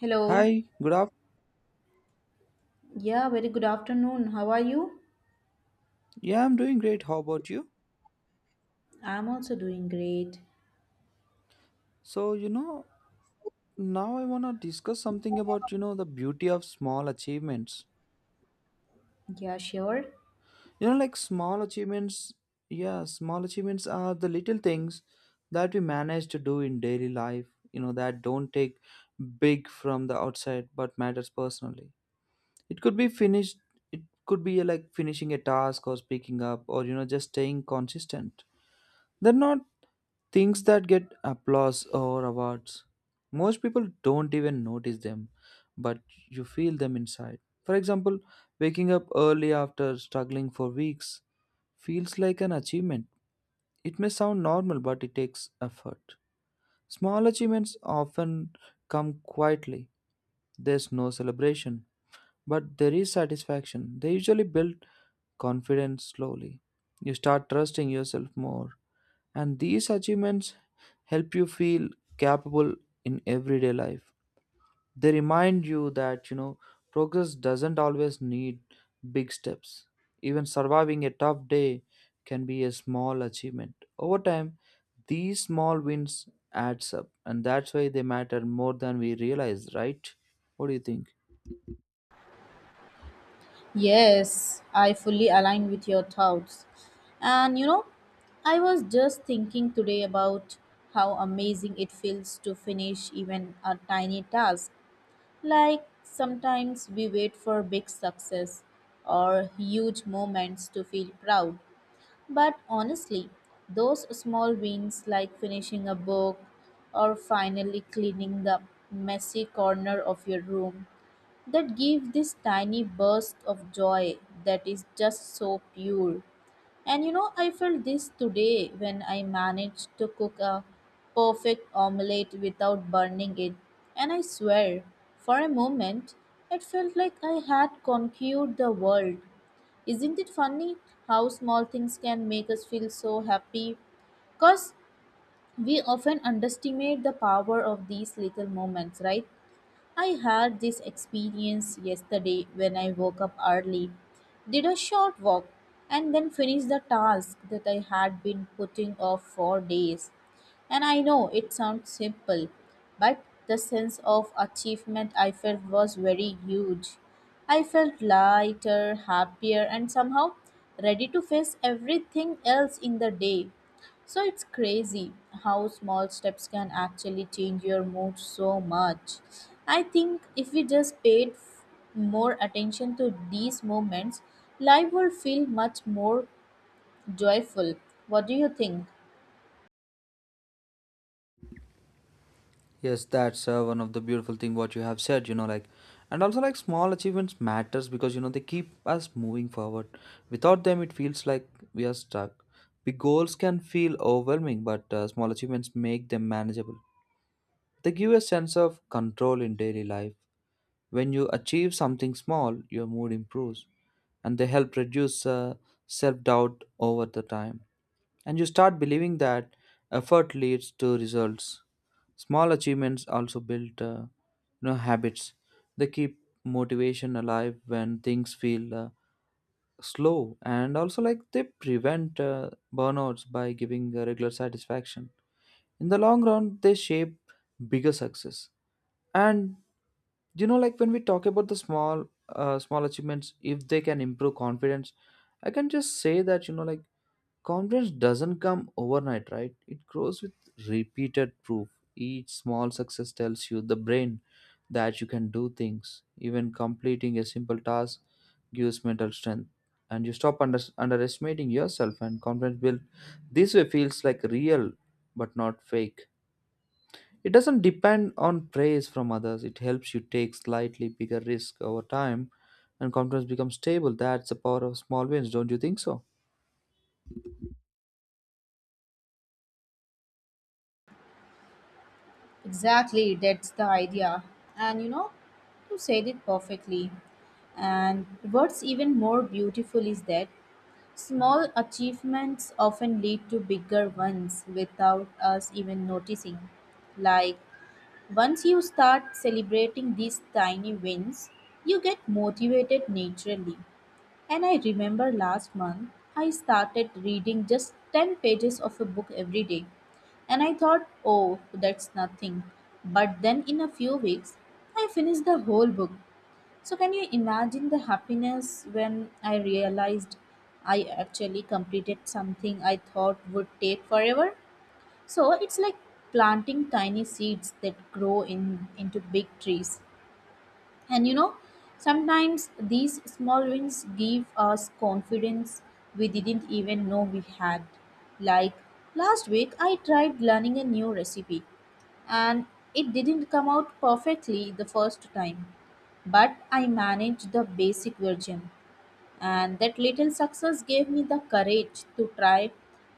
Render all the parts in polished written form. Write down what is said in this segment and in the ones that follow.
Hello. Hi, good up. Yeah, very good afternoon. How are you? Yeah, I'm doing great. How about you? I'm also doing great. So, you know, Now I want to discuss something about, the beauty of small achievements. Yeah, sure. You know, like small achievements, yeah, small achievements are the little things that we manage to do in daily life, that don't take big from the outside but matters personally. It could be finished, it could be like finishing a task or speaking up or, just staying consistent. They're not things that get applause or awards. Most people don't even notice them, but you feel them inside. For example, waking up early after struggling for weeks feels like an achievement. It may sound normal, but it takes effort. Small achievements often come quietly. There's no celebration, but there is satisfaction. They usually build confidence slowly. You start trusting yourself more, and these achievements help you feel capable in everyday life. They remind you that, progress doesn't always need big steps. Even surviving a tough day can be a small achievement. Over time, these small wins adds up, and that's why they matter more than we realize, right? What do you think? Yes, I fully align with your thoughts. And you know, I was just thinking today about how amazing it feels to finish even a tiny task. Like sometimes we wait for big success or huge moments to feel proud, but honestly, those small wins like finishing a book or finally cleaning the messy corner of your room that give this tiny burst of joy that is just so pure. And you know, I felt this today when I managed to cook a perfect omelette without burning it. And I swear, for a moment, it felt like I had conquered the world. Isn't it funny how small things can make us feel so happy? Because we often underestimate the power of these little moments, right? I had this experience yesterday when I woke up early, did a short walk, and then finished the task that I had been putting off for days. And I know it sounds simple, but the sense of achievement I felt was very huge. I felt lighter, happier, and somehow ready to face everything else in the day. So it's crazy how small steps can actually change your mood so much. I think if we just more attention to these moments, life would feel much more joyful. What do you think? Yes, that's one of the beautiful thing what you have said, and also like small achievements matters because you know they keep us moving forward. Without them it feels like we are stuck. Big goals can feel overwhelming, but small achievements make them manageable. They give a sense of control in daily life. When you achieve something small, your mood improves, and they help reduce self-doubt over the time. And you start believing that effort leads to results. Small achievements also build habits. They keep motivation alive when things feel slow, and also like they prevent burnouts by giving regular satisfaction. In the long run, they shape bigger success. And do you know like when we talk about the small achievements, if they can improve confidence, I can just say that you know like confidence doesn't come overnight, right? It grows with repeated proof. Each small success tells you the brain that you can do things. Even completing a simple task gives mental strength, and you stop underestimating yourself, and confidence built this way feels like real but not fake. It doesn't depend on praise from others. It helps you take slightly bigger risk over time, and confidence becomes stable. That's the power of small wins, don't you think so? Exactly, that's the idea. And you know, you said it perfectly. And what's even more beautiful is that small achievements often lead to bigger ones without us even noticing. Like, once you start celebrating these tiny wins, you get motivated naturally. And I remember last month, I started reading just 10 pages of a book every day. And I thought, oh, that's nothing. But then in a few weeks, I finished the whole book. So, can you imagine the happiness when I realized I actually completed something I thought would take forever? So it's like planting tiny seeds that grow in into big trees. And you know, sometimes these small wins give us confidence we didn't even know we had. Like last week I tried learning a new recipe and it didn't come out perfectly the first time, but I managed the basic version and that little success gave me the courage to try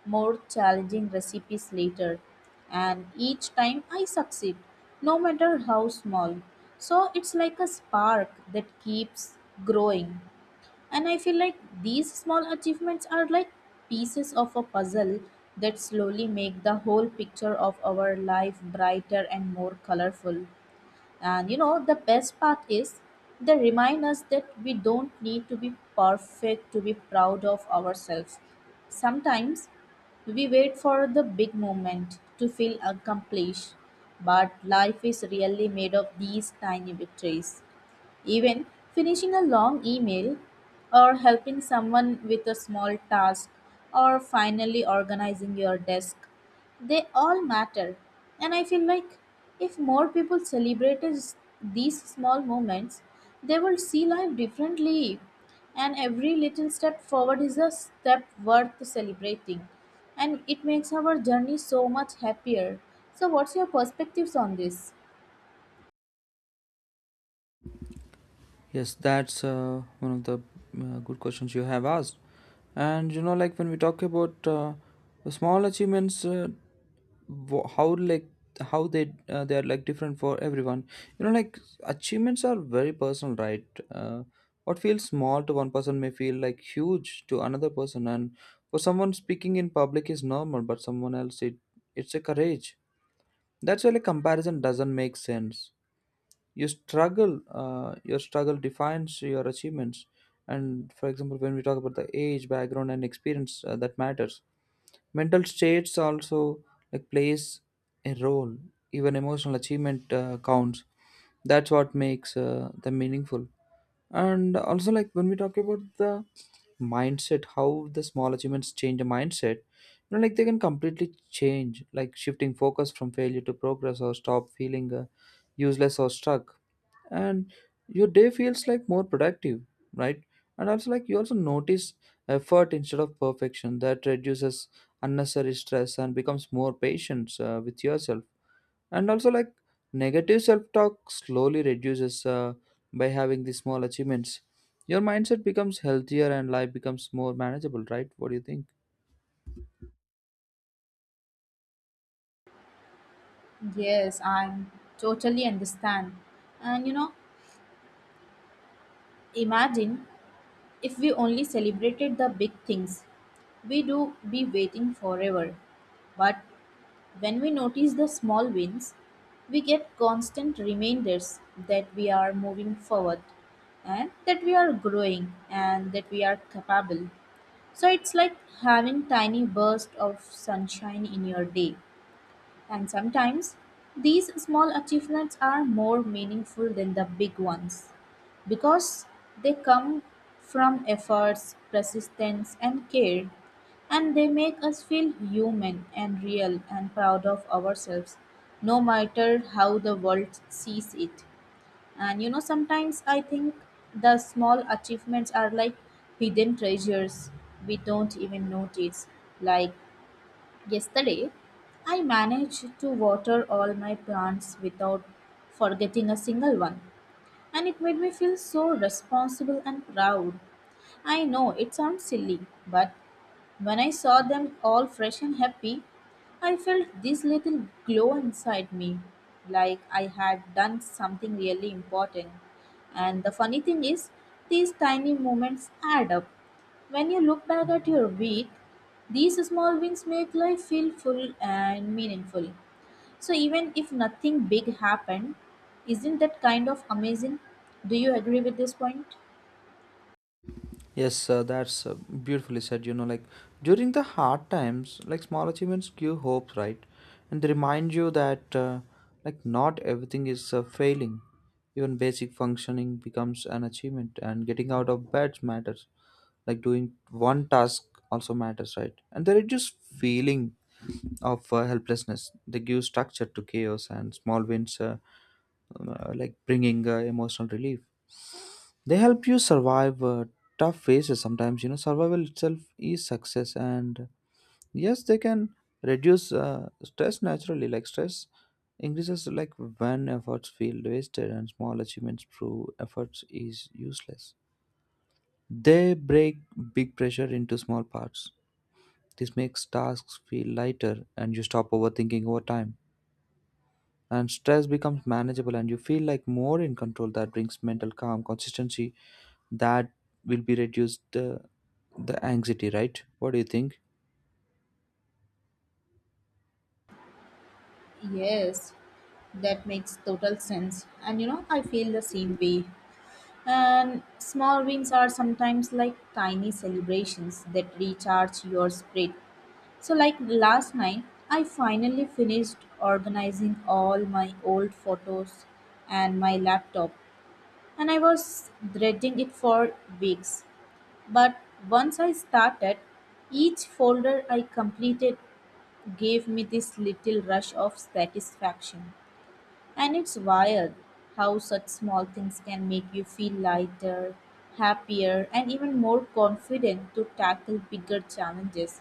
more challenging recipes later, and each time I succeed, no matter how small. So it's like a spark that keeps growing, and I feel like these small achievements are like pieces of a puzzle that slowly make the whole picture of our life brighter and more colorful. And you know, the best part is they remind us that we don't need to be perfect to be proud of ourselves. Sometimes we wait for the big moment to feel accomplished, but life is really made of these tiny victories. Even finishing a long email, or helping someone with a small task, or finally organizing your desk, they all matter. And I feel like if more people celebrated these small moments, they will see life differently. And every little step forward is a step worth celebrating. And it makes our journey so much happier. So, what's your perspectives on this? Yes, that's one of the good questions you have asked. And you know, like when we talk about the small achievements, wo- how like how they are like different for everyone. You know like achievements are very personal, right? uh, what feels small to one person may feel like huge to another person. And for someone speaking in public is normal, but someone else it it's a courage. That's why like comparison doesn't make sense. Your struggle defines your achievements. And for example, when we talk about the age, background, and experience, that matters. Mental states also like plays a role. Even emotional achievement counts. That's what makes them meaningful. And also like when we talk about the mindset, how the small achievements change the mindset, you know like they can completely change, like shifting focus from failure to progress, or stop feeling useless or stuck. And your day feels like more productive, right? And also like you also notice effort instead of perfection. That reduces unnecessary stress, and becomes more patient with yourself. And also like negative self-talk slowly reduces by having these small achievements. Your mindset becomes healthier and life becomes more manageable, right? What do you think? Yes, I totally understand. And you know, imagine if we only celebrated the big things, we do be waiting forever. But when we notice the small wins, we get constant reminders that we are moving forward, and that we are growing, and that we are capable. So it's like having tiny bursts of sunshine in your day. And sometimes these small achievements are more meaningful than the big ones because they come from efforts, persistence, and care, and they make us feel human and real and proud of ourselves, no matter how the world sees it. And you know, sometimes I think the small achievements are like hidden treasures we don't even notice, like yesterday, I managed to water all my plants without forgetting a single one, and it made me feel so responsible and proud. I know it sounds silly, but when I saw them all fresh and happy, I felt this little glow inside me, like I had done something really important. And the funny thing is, these tiny moments add up. When you look back at your week, these small wins make life feel full and meaningful. So, even if nothing big happened, isn't that kind of amazing? Do you agree with this point? Yes, that's beautifully said. You know, like during the hard times, like small achievements give hope, right? And they remind you that, like, not everything is failing. Even basic functioning becomes an achievement, and getting out of bed matters. Like, doing one task also matters, right? And they reduce feeling of helplessness. They give structure to chaos, and small wins, like, bringing emotional relief. They help you survive tough phases sometimes. You know, survival itself is success, and yes, they can reduce stress naturally. Like stress increases like when efforts feel wasted, and small achievements prove efforts is useless. They break big pressure into small parts. This makes tasks feel lighter, and you stop overthinking over time, and stress becomes manageable, and you feel like more in control. That brings mental calm consistency that will be reduced the anxiety, right? What do you think? Yes, that makes total sense. And you know, I feel the same way. And small wins are sometimes like tiny celebrations that recharge your spirit. So, like last night, I finally finished organizing all my old photos and my laptop, and I was dredging it for weeks. But once I started, each folder I completed gave me this little rush of satisfaction. And it's wild how such small things can make you feel lighter, happier, and even more confident to tackle bigger challenges.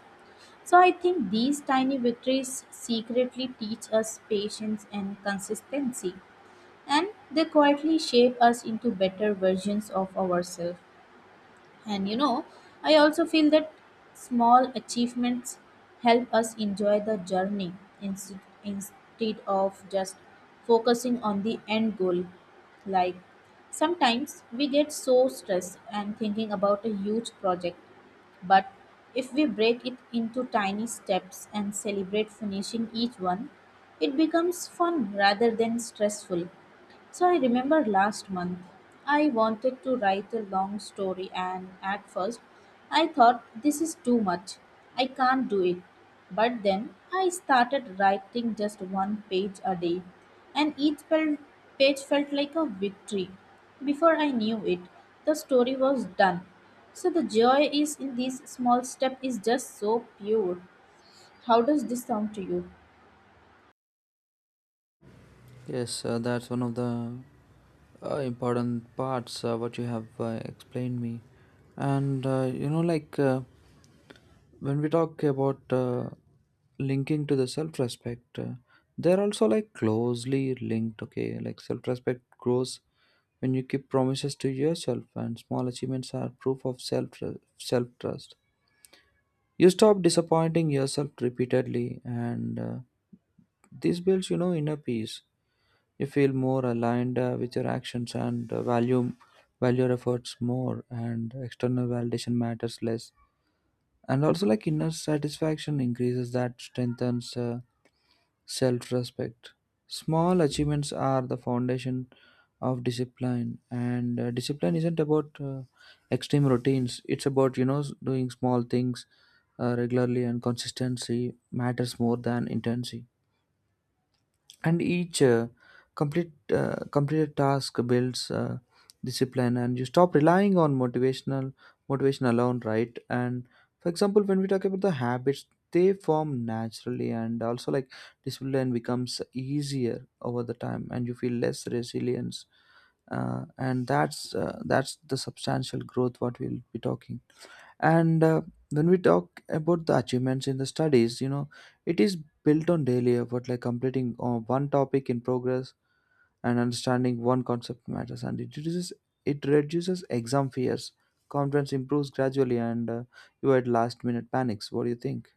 So I think these tiny victories secretly teach us patience and consistency, and they quietly shape us into better versions of ourselves. And you know, I also feel that small achievements help us enjoy the journey instead of just focusing on the end goal. Like sometimes we get so stressed and thinking about a huge project, but if we break it into tiny steps and celebrate finishing each one, it becomes fun rather than stressful. So I remember last month I wanted to write a long story, and at first I thought this is too much. I can't do it. But then I started writing just one page a day, and each page felt like a victory. Before I knew it, the story was done. So the joy is in this small step is just so pure. How does this sound to you? Yes, that's one of the important parts what you have explained me. And when we talk about linking to the self-respect, they're also like closely linked. Okay, like self-respect grows when you keep promises to yourself, and small achievements are proof of self-trust. You stop disappointing yourself repeatedly, and this builds you know inner peace. You feel more aligned with your actions, and value your efforts more, and external validation matters less. And also like inner satisfaction increases, that strengthens self-respect. Small achievements are the foundation of discipline, and discipline isn't about extreme routines. It's about you know doing small things regularly, and consistency matters more than intensity. And each completed task builds discipline, and you stop relying on motivation alone, right? And for example, when we talk about the habits, they form naturally. And also like discipline becomes easier over the time, and you feel less resilience, and that's the substantial growth what we'll be talking. And when we talk about the achievements in the studies, you know, it is built on daily effort, like completing one topic in progress, and understanding one concept matters. And it reduces exam fears. Confidence improves gradually, and you had last minute panics. What do you think?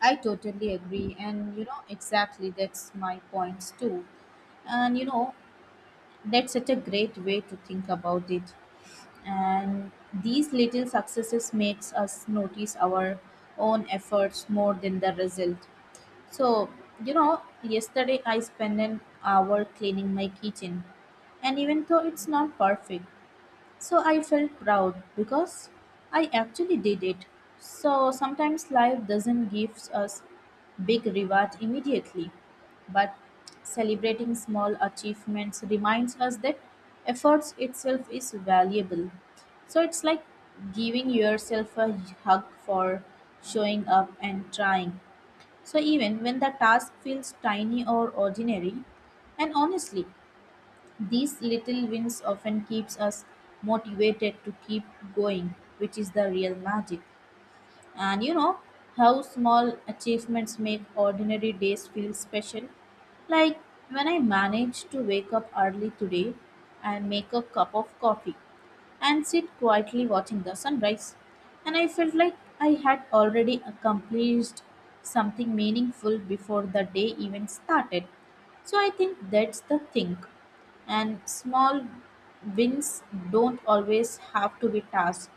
I totally agree. And, you know, exactly that's my points too. And, you know, that's such a great way to think about it. And these little successes makes us notice our own efforts more than the result. So, you know, yesterday I spent an hour cleaning my kitchen. And even though it's not perfect, so I felt proud because I actually did it. So sometimes life doesn't give us big reward immediately, but celebrating small achievements reminds us that efforts itself is valuable. So it's like giving yourself a hug for showing up and trying. So even when the task feels tiny or ordinary, and honestly, these little wins often keeps us motivated to keep going, which is the real magic. And you know how small achievements make ordinary days feel special? Like when I managed to wake up early today and make a cup of coffee and sit quietly watching the sunrise. And I felt like I had already accomplished something meaningful before the day even started. So I think that's the thing. And small wins don't always have to be tasks.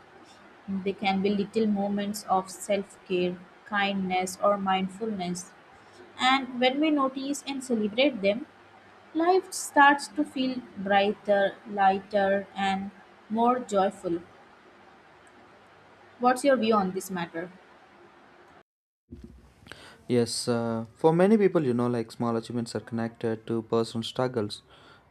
They can be little moments of self care, kindness, or mindfulness. And when we notice and celebrate them, life starts to feel brighter, lighter, and more joyful. What's your view on this matter? Yes, for many people, you know, like small achievements are connected to personal struggles,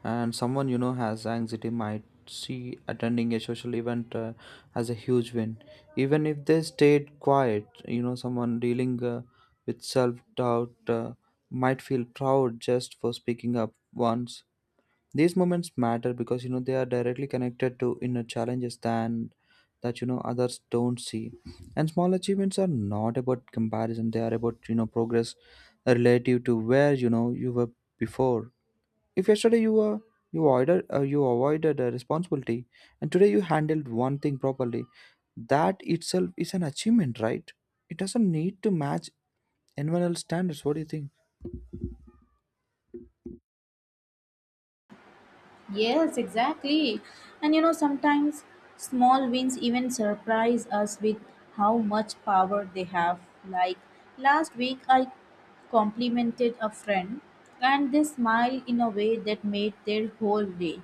and someone you know has anxiety might see attending a social event as a huge win, even if they stayed quiet. You know, someone dealing with self doubt might feel proud just for speaking up once. These moments matter because you know they are directly connected to inner challenges than that you know others don't see. And small achievements are not about comparison; they are about you know progress relative to where you know you were before. If yesterday you were you avoided a responsibility, and today you handled one thing properly, that itself is an achievement, right? It doesn't need to match anyone else's standards. What do you think? Yes, exactly. And you know, sometimes small wins even surprise us with how much power they have. Like last week, I complimented a friend, and they smiled in a way that made their whole day.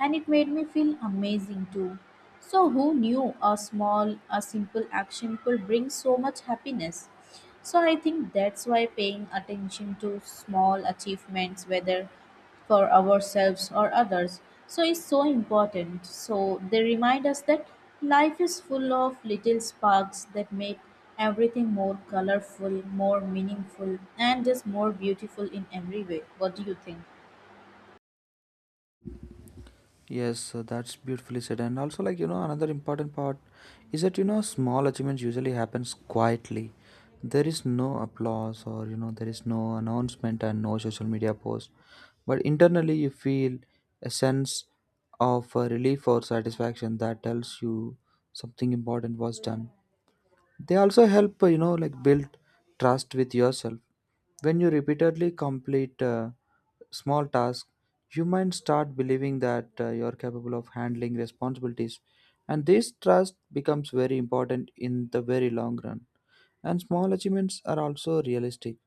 And it made me feel amazing too. So, who knew a simple action could bring so much happiness? So I think that's why paying attention to small achievements, whether for ourselves or others, so is so important. So they remind us that life is full of little sparks that make everything more colorful, more meaningful, and just more beautiful in every way. What do you think? Yes, that's beautifully said. And also, like, you know, another important part is that, you know, small achievements usually happens quietly. There is no applause, or, you know, there is no announcement and no social media post. But internally, you feel a sense of relief or satisfaction that tells you something important was done. They also help, like build trust with yourself. When you repeatedly complete small tasks, you might start believing that you're capable of handling responsibilities. And this trust becomes very important in the very long run. And small achievements are also realistic.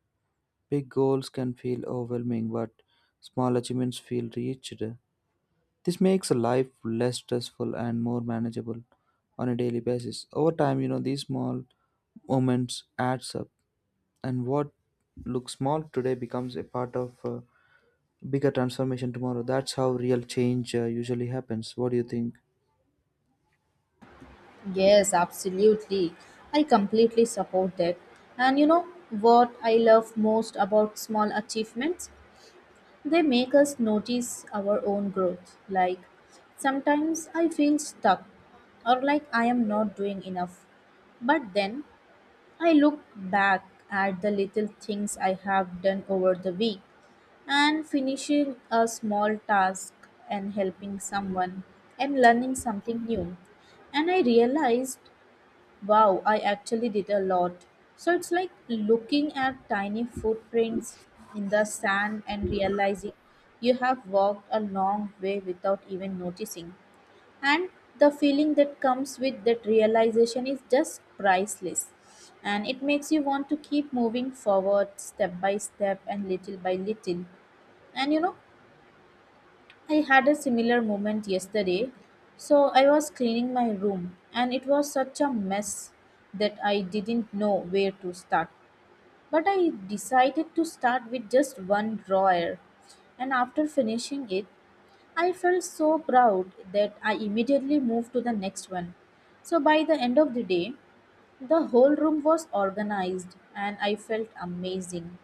Big goals can feel overwhelming, but small achievements feel reached. This makes life less stressful and more manageable on a daily basis. Over time, you know, these small moments adds up, and what looks small today becomes a part of a bigger transformation tomorrow. That's how real change usually happens. What do you think? Yes, absolutely. I completely support that. And you know what I love most about small achievements? They make us notice our own growth. Like, sometimes I feel stuck or like I am not doing enough. But then I look back at the little things I have done over the week, and finishing a small task, and helping someone, and learning something new. And I realized, wow, I actually did a lot. So it's like looking at tiny footprints in the sand and realizing you have walked a long way without even noticing. And the feeling that comes with that realization is just priceless. And it makes you want to keep moving forward step by step and little by little. And you know, I had a similar moment yesterday. So I was cleaning my room and it was such a mess that I didn't know where to start. But I decided to start with just one drawer. And after finishing it, I felt so proud that I immediately moved to the next one. So by the end of the day, the whole room was organized and I felt amazing.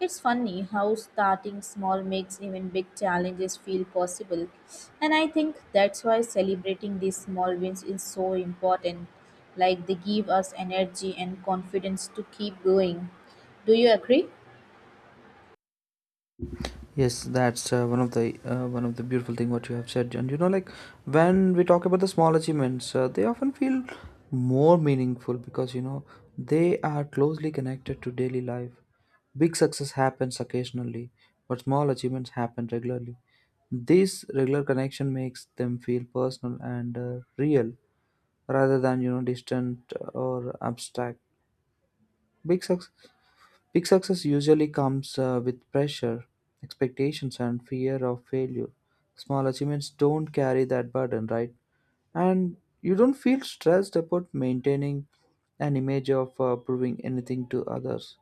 It's funny how starting small makes even big challenges feel possible, and I think that's why celebrating these small wins is so important. Like they give us energy and confidence to keep going. Do you agree? Yes, that's one of the beautiful thing what you have said, and you know, like when we talk about the small achievements, they often feel more meaningful because you know they are closely connected to daily life. Big success happens occasionally, but small achievements happen regularly. This regular connection makes them feel personal and real, rather than you know distant or abstract. Big success Big success usually comes with pressure, expectations, and fear of failure. Small achievements don't carry that burden, right? And you don't feel stressed about maintaining an image of proving anything to others.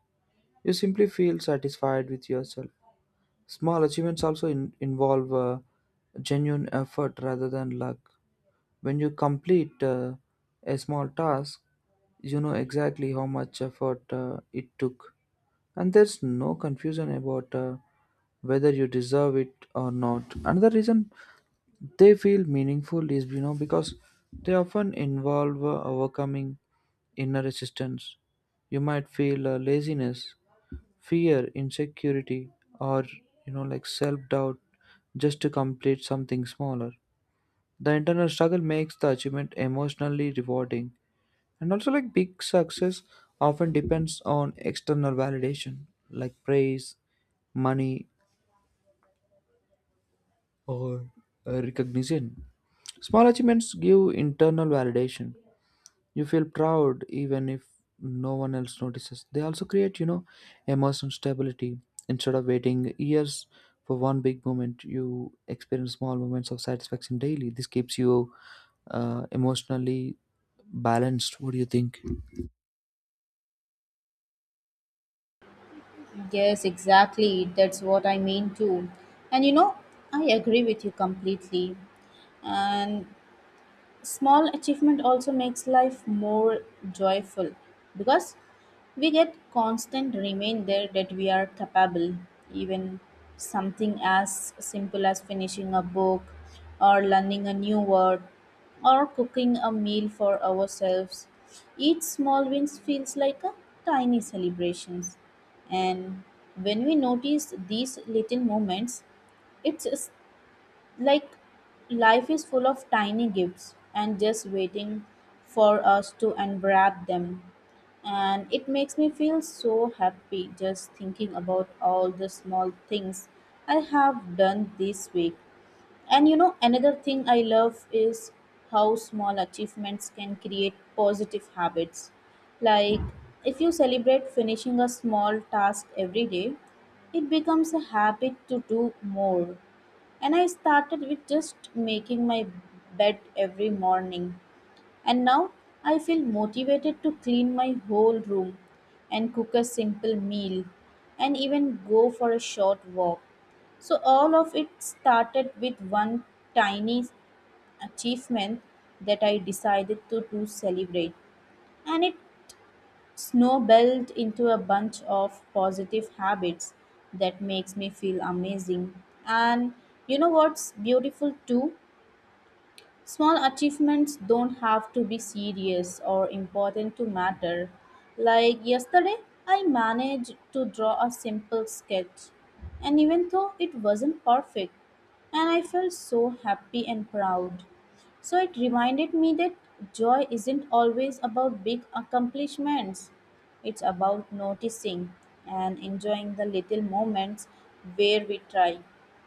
You simply feel satisfied with yourself. Small achievements also involve genuine effort rather than luck. When you complete a small task, you know exactly how much effort it took, and there's no confusion about whether you deserve it or not. Another reason they feel meaningful is you know because they often involve overcoming inner resistance. You might feel laziness, fear, insecurity, or you know like self doubt, just to complete something smaller. The internal struggle makes the achievement emotionally rewarding. And also, like big success often depends on external validation, like praise, money, or recognition. Small achievements give internal validation. You feel proud even if no one else notices. They also create, you know, emotional stability. Instead of waiting years for one big moment, you experience small moments of satisfaction daily. This keeps you emotionally balanced. What do you think? Yes, exactly. That's what I mean too. And I agree with you completely. And small achievement also makes life more joyful because we get constant reminder that we are capable, even something as simple as finishing a book or learning a new word or cooking a meal for ourselves. Each small wins feels like a tiny celebrations, and when we notice these little moments, it like, life is full of tiny gifts and just waiting for us to unwrap them. And it makes me feel so happy just thinking about all the small things I have done this week. And another thing I love is how small achievements can create positive habits. Like, if you celebrate finishing a small task every day, it becomes a habit to do more. And I started with just making my bed every morning. And now I feel motivated to clean my whole room and cook a simple meal and even go for a short walk. So, all of it started with one tiny achievement that I decided to celebrate. And it snowballed into a bunch of positive habits that makes me feel amazing. And what's beautiful too, small achievements don't have to be serious or important to matter. Like yesterday, I managed to draw a simple sketch, and even though it wasn't perfect, and I felt so happy and proud. So it reminded me that joy isn't always about big accomplishments. It's about noticing and enjoying the little moments where we try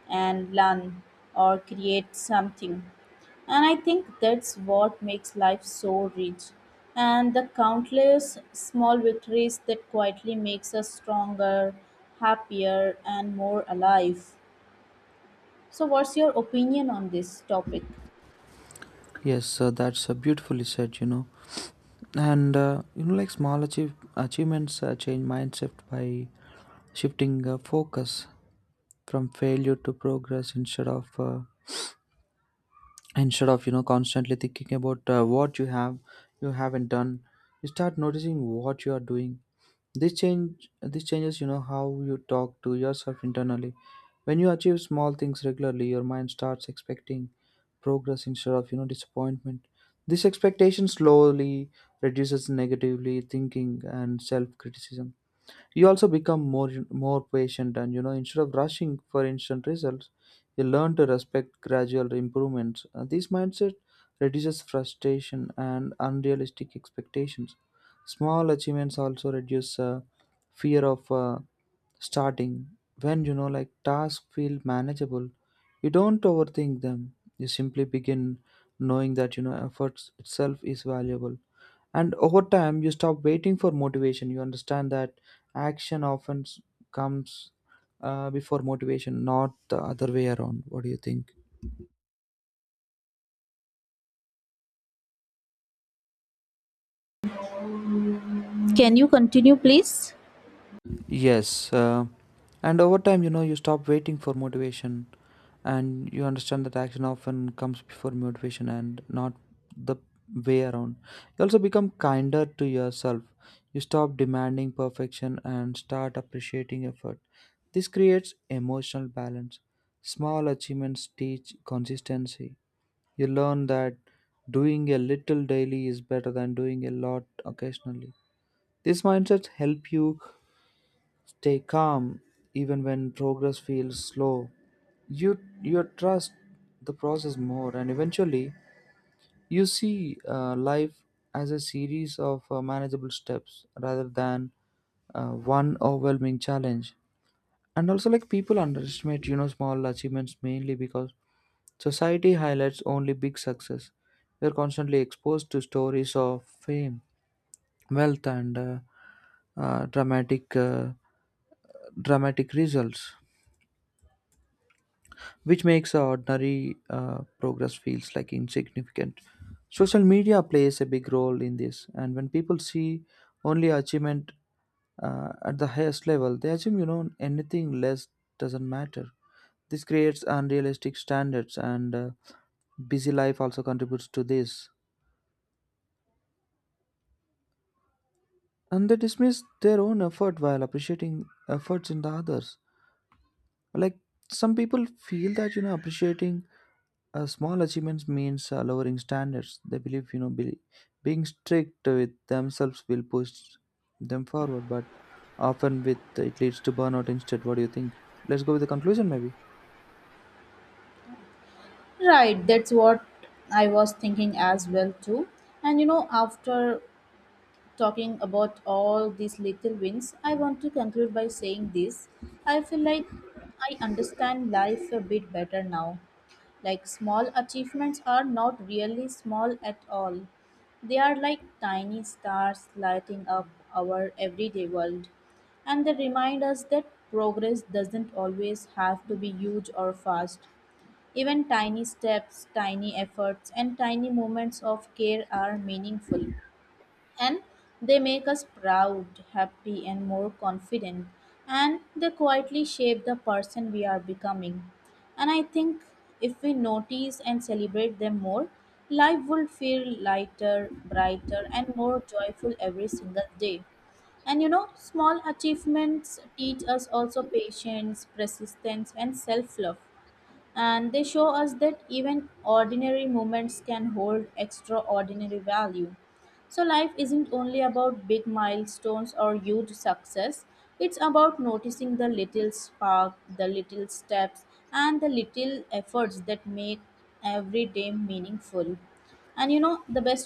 and learn or create something. And I think that's what makes life so rich. And the countless small victories that quietly makes us stronger, happier and more alive. So what's your opinion on this topic? Yes, that's beautifully said, you know. And, you know, like small achievements change mindset by shifting focus from failure to progress, instead of, you know, constantly thinking about what you haven't done. You start noticing what you are doing. This changes you know how you talk to yourself internally. When you achieve small things regularly, your mind starts expecting progress instead of you know disappointment. This expectation slowly reduces negatively thinking and self criticism. You also become more patient, and you know instead of rushing for instant results, you learn to respect gradual improvements. This mindset reduces frustration and unrealistic expectations. Small achievements also reduce fear of starting. When you know like tasks feel manageable, you don't overthink them, you simply begin, knowing that you know efforts itself is valuable. And over time, you stop waiting for motivation. You understand that action comes before motivation, not the other way around. What do you think? Can you continue please? Yes, and over time, you know, you stop waiting for motivation, and you understand that action often comes before motivation and not the way around. You also become kinder to yourself. You stop demanding perfection and start appreciating effort. This creates emotional balance. Small achievements teach consistency. You learn that doing a little daily is better than doing a lot occasionally. This mindset help you stay calm even when progress feels slow. You you trust the process more, and eventually you see life as a series of manageable steps rather than one overwhelming challenge. And also, like people underestimate you know small achievements mainly because society highlights only big success. We are constantly exposed to stories of fame, wealth, and uh, dramatic. Uh, dramatic results, which makes our ordinary progress feels like insignificant. Social media plays a big role in this, and when people see only achievement at the highest level, they assume you know anything less doesn't matter. This creates unrealistic standards, and busy life also contributes to this. And they dismiss their own effort while appreciating efforts in the others. Like some people feel that you know appreciating small achievements means lowering standards. They believe you know being strict with themselves will push them forward, but often with it leads to burnout instead. What do you think? Let's go with the conclusion, maybe. Right, that's what I was thinking as well too. And after talking about all these little wins, I want to conclude by saying this. I feel like I understand life a bit better now. Like small achievements are not really small at all. They are like tiny stars lighting up our everyday world. And they remind us that progress doesn't always have to be huge or fast. Even tiny steps, tiny efforts, and tiny moments of care are meaningful, and they make us proud, happy, and more confident. And they quietly shape the person we are becoming. And I think if we notice and celebrate them more, life will feel lighter, brighter, and more joyful every single day. And small achievements teach us also patience, persistence, and self love, and they show us that even ordinary moments can hold extraordinary value. So, life isn't only about big milestones or huge success, it's about noticing the little spark, the little steps, and the little efforts that make every day meaningful. And the best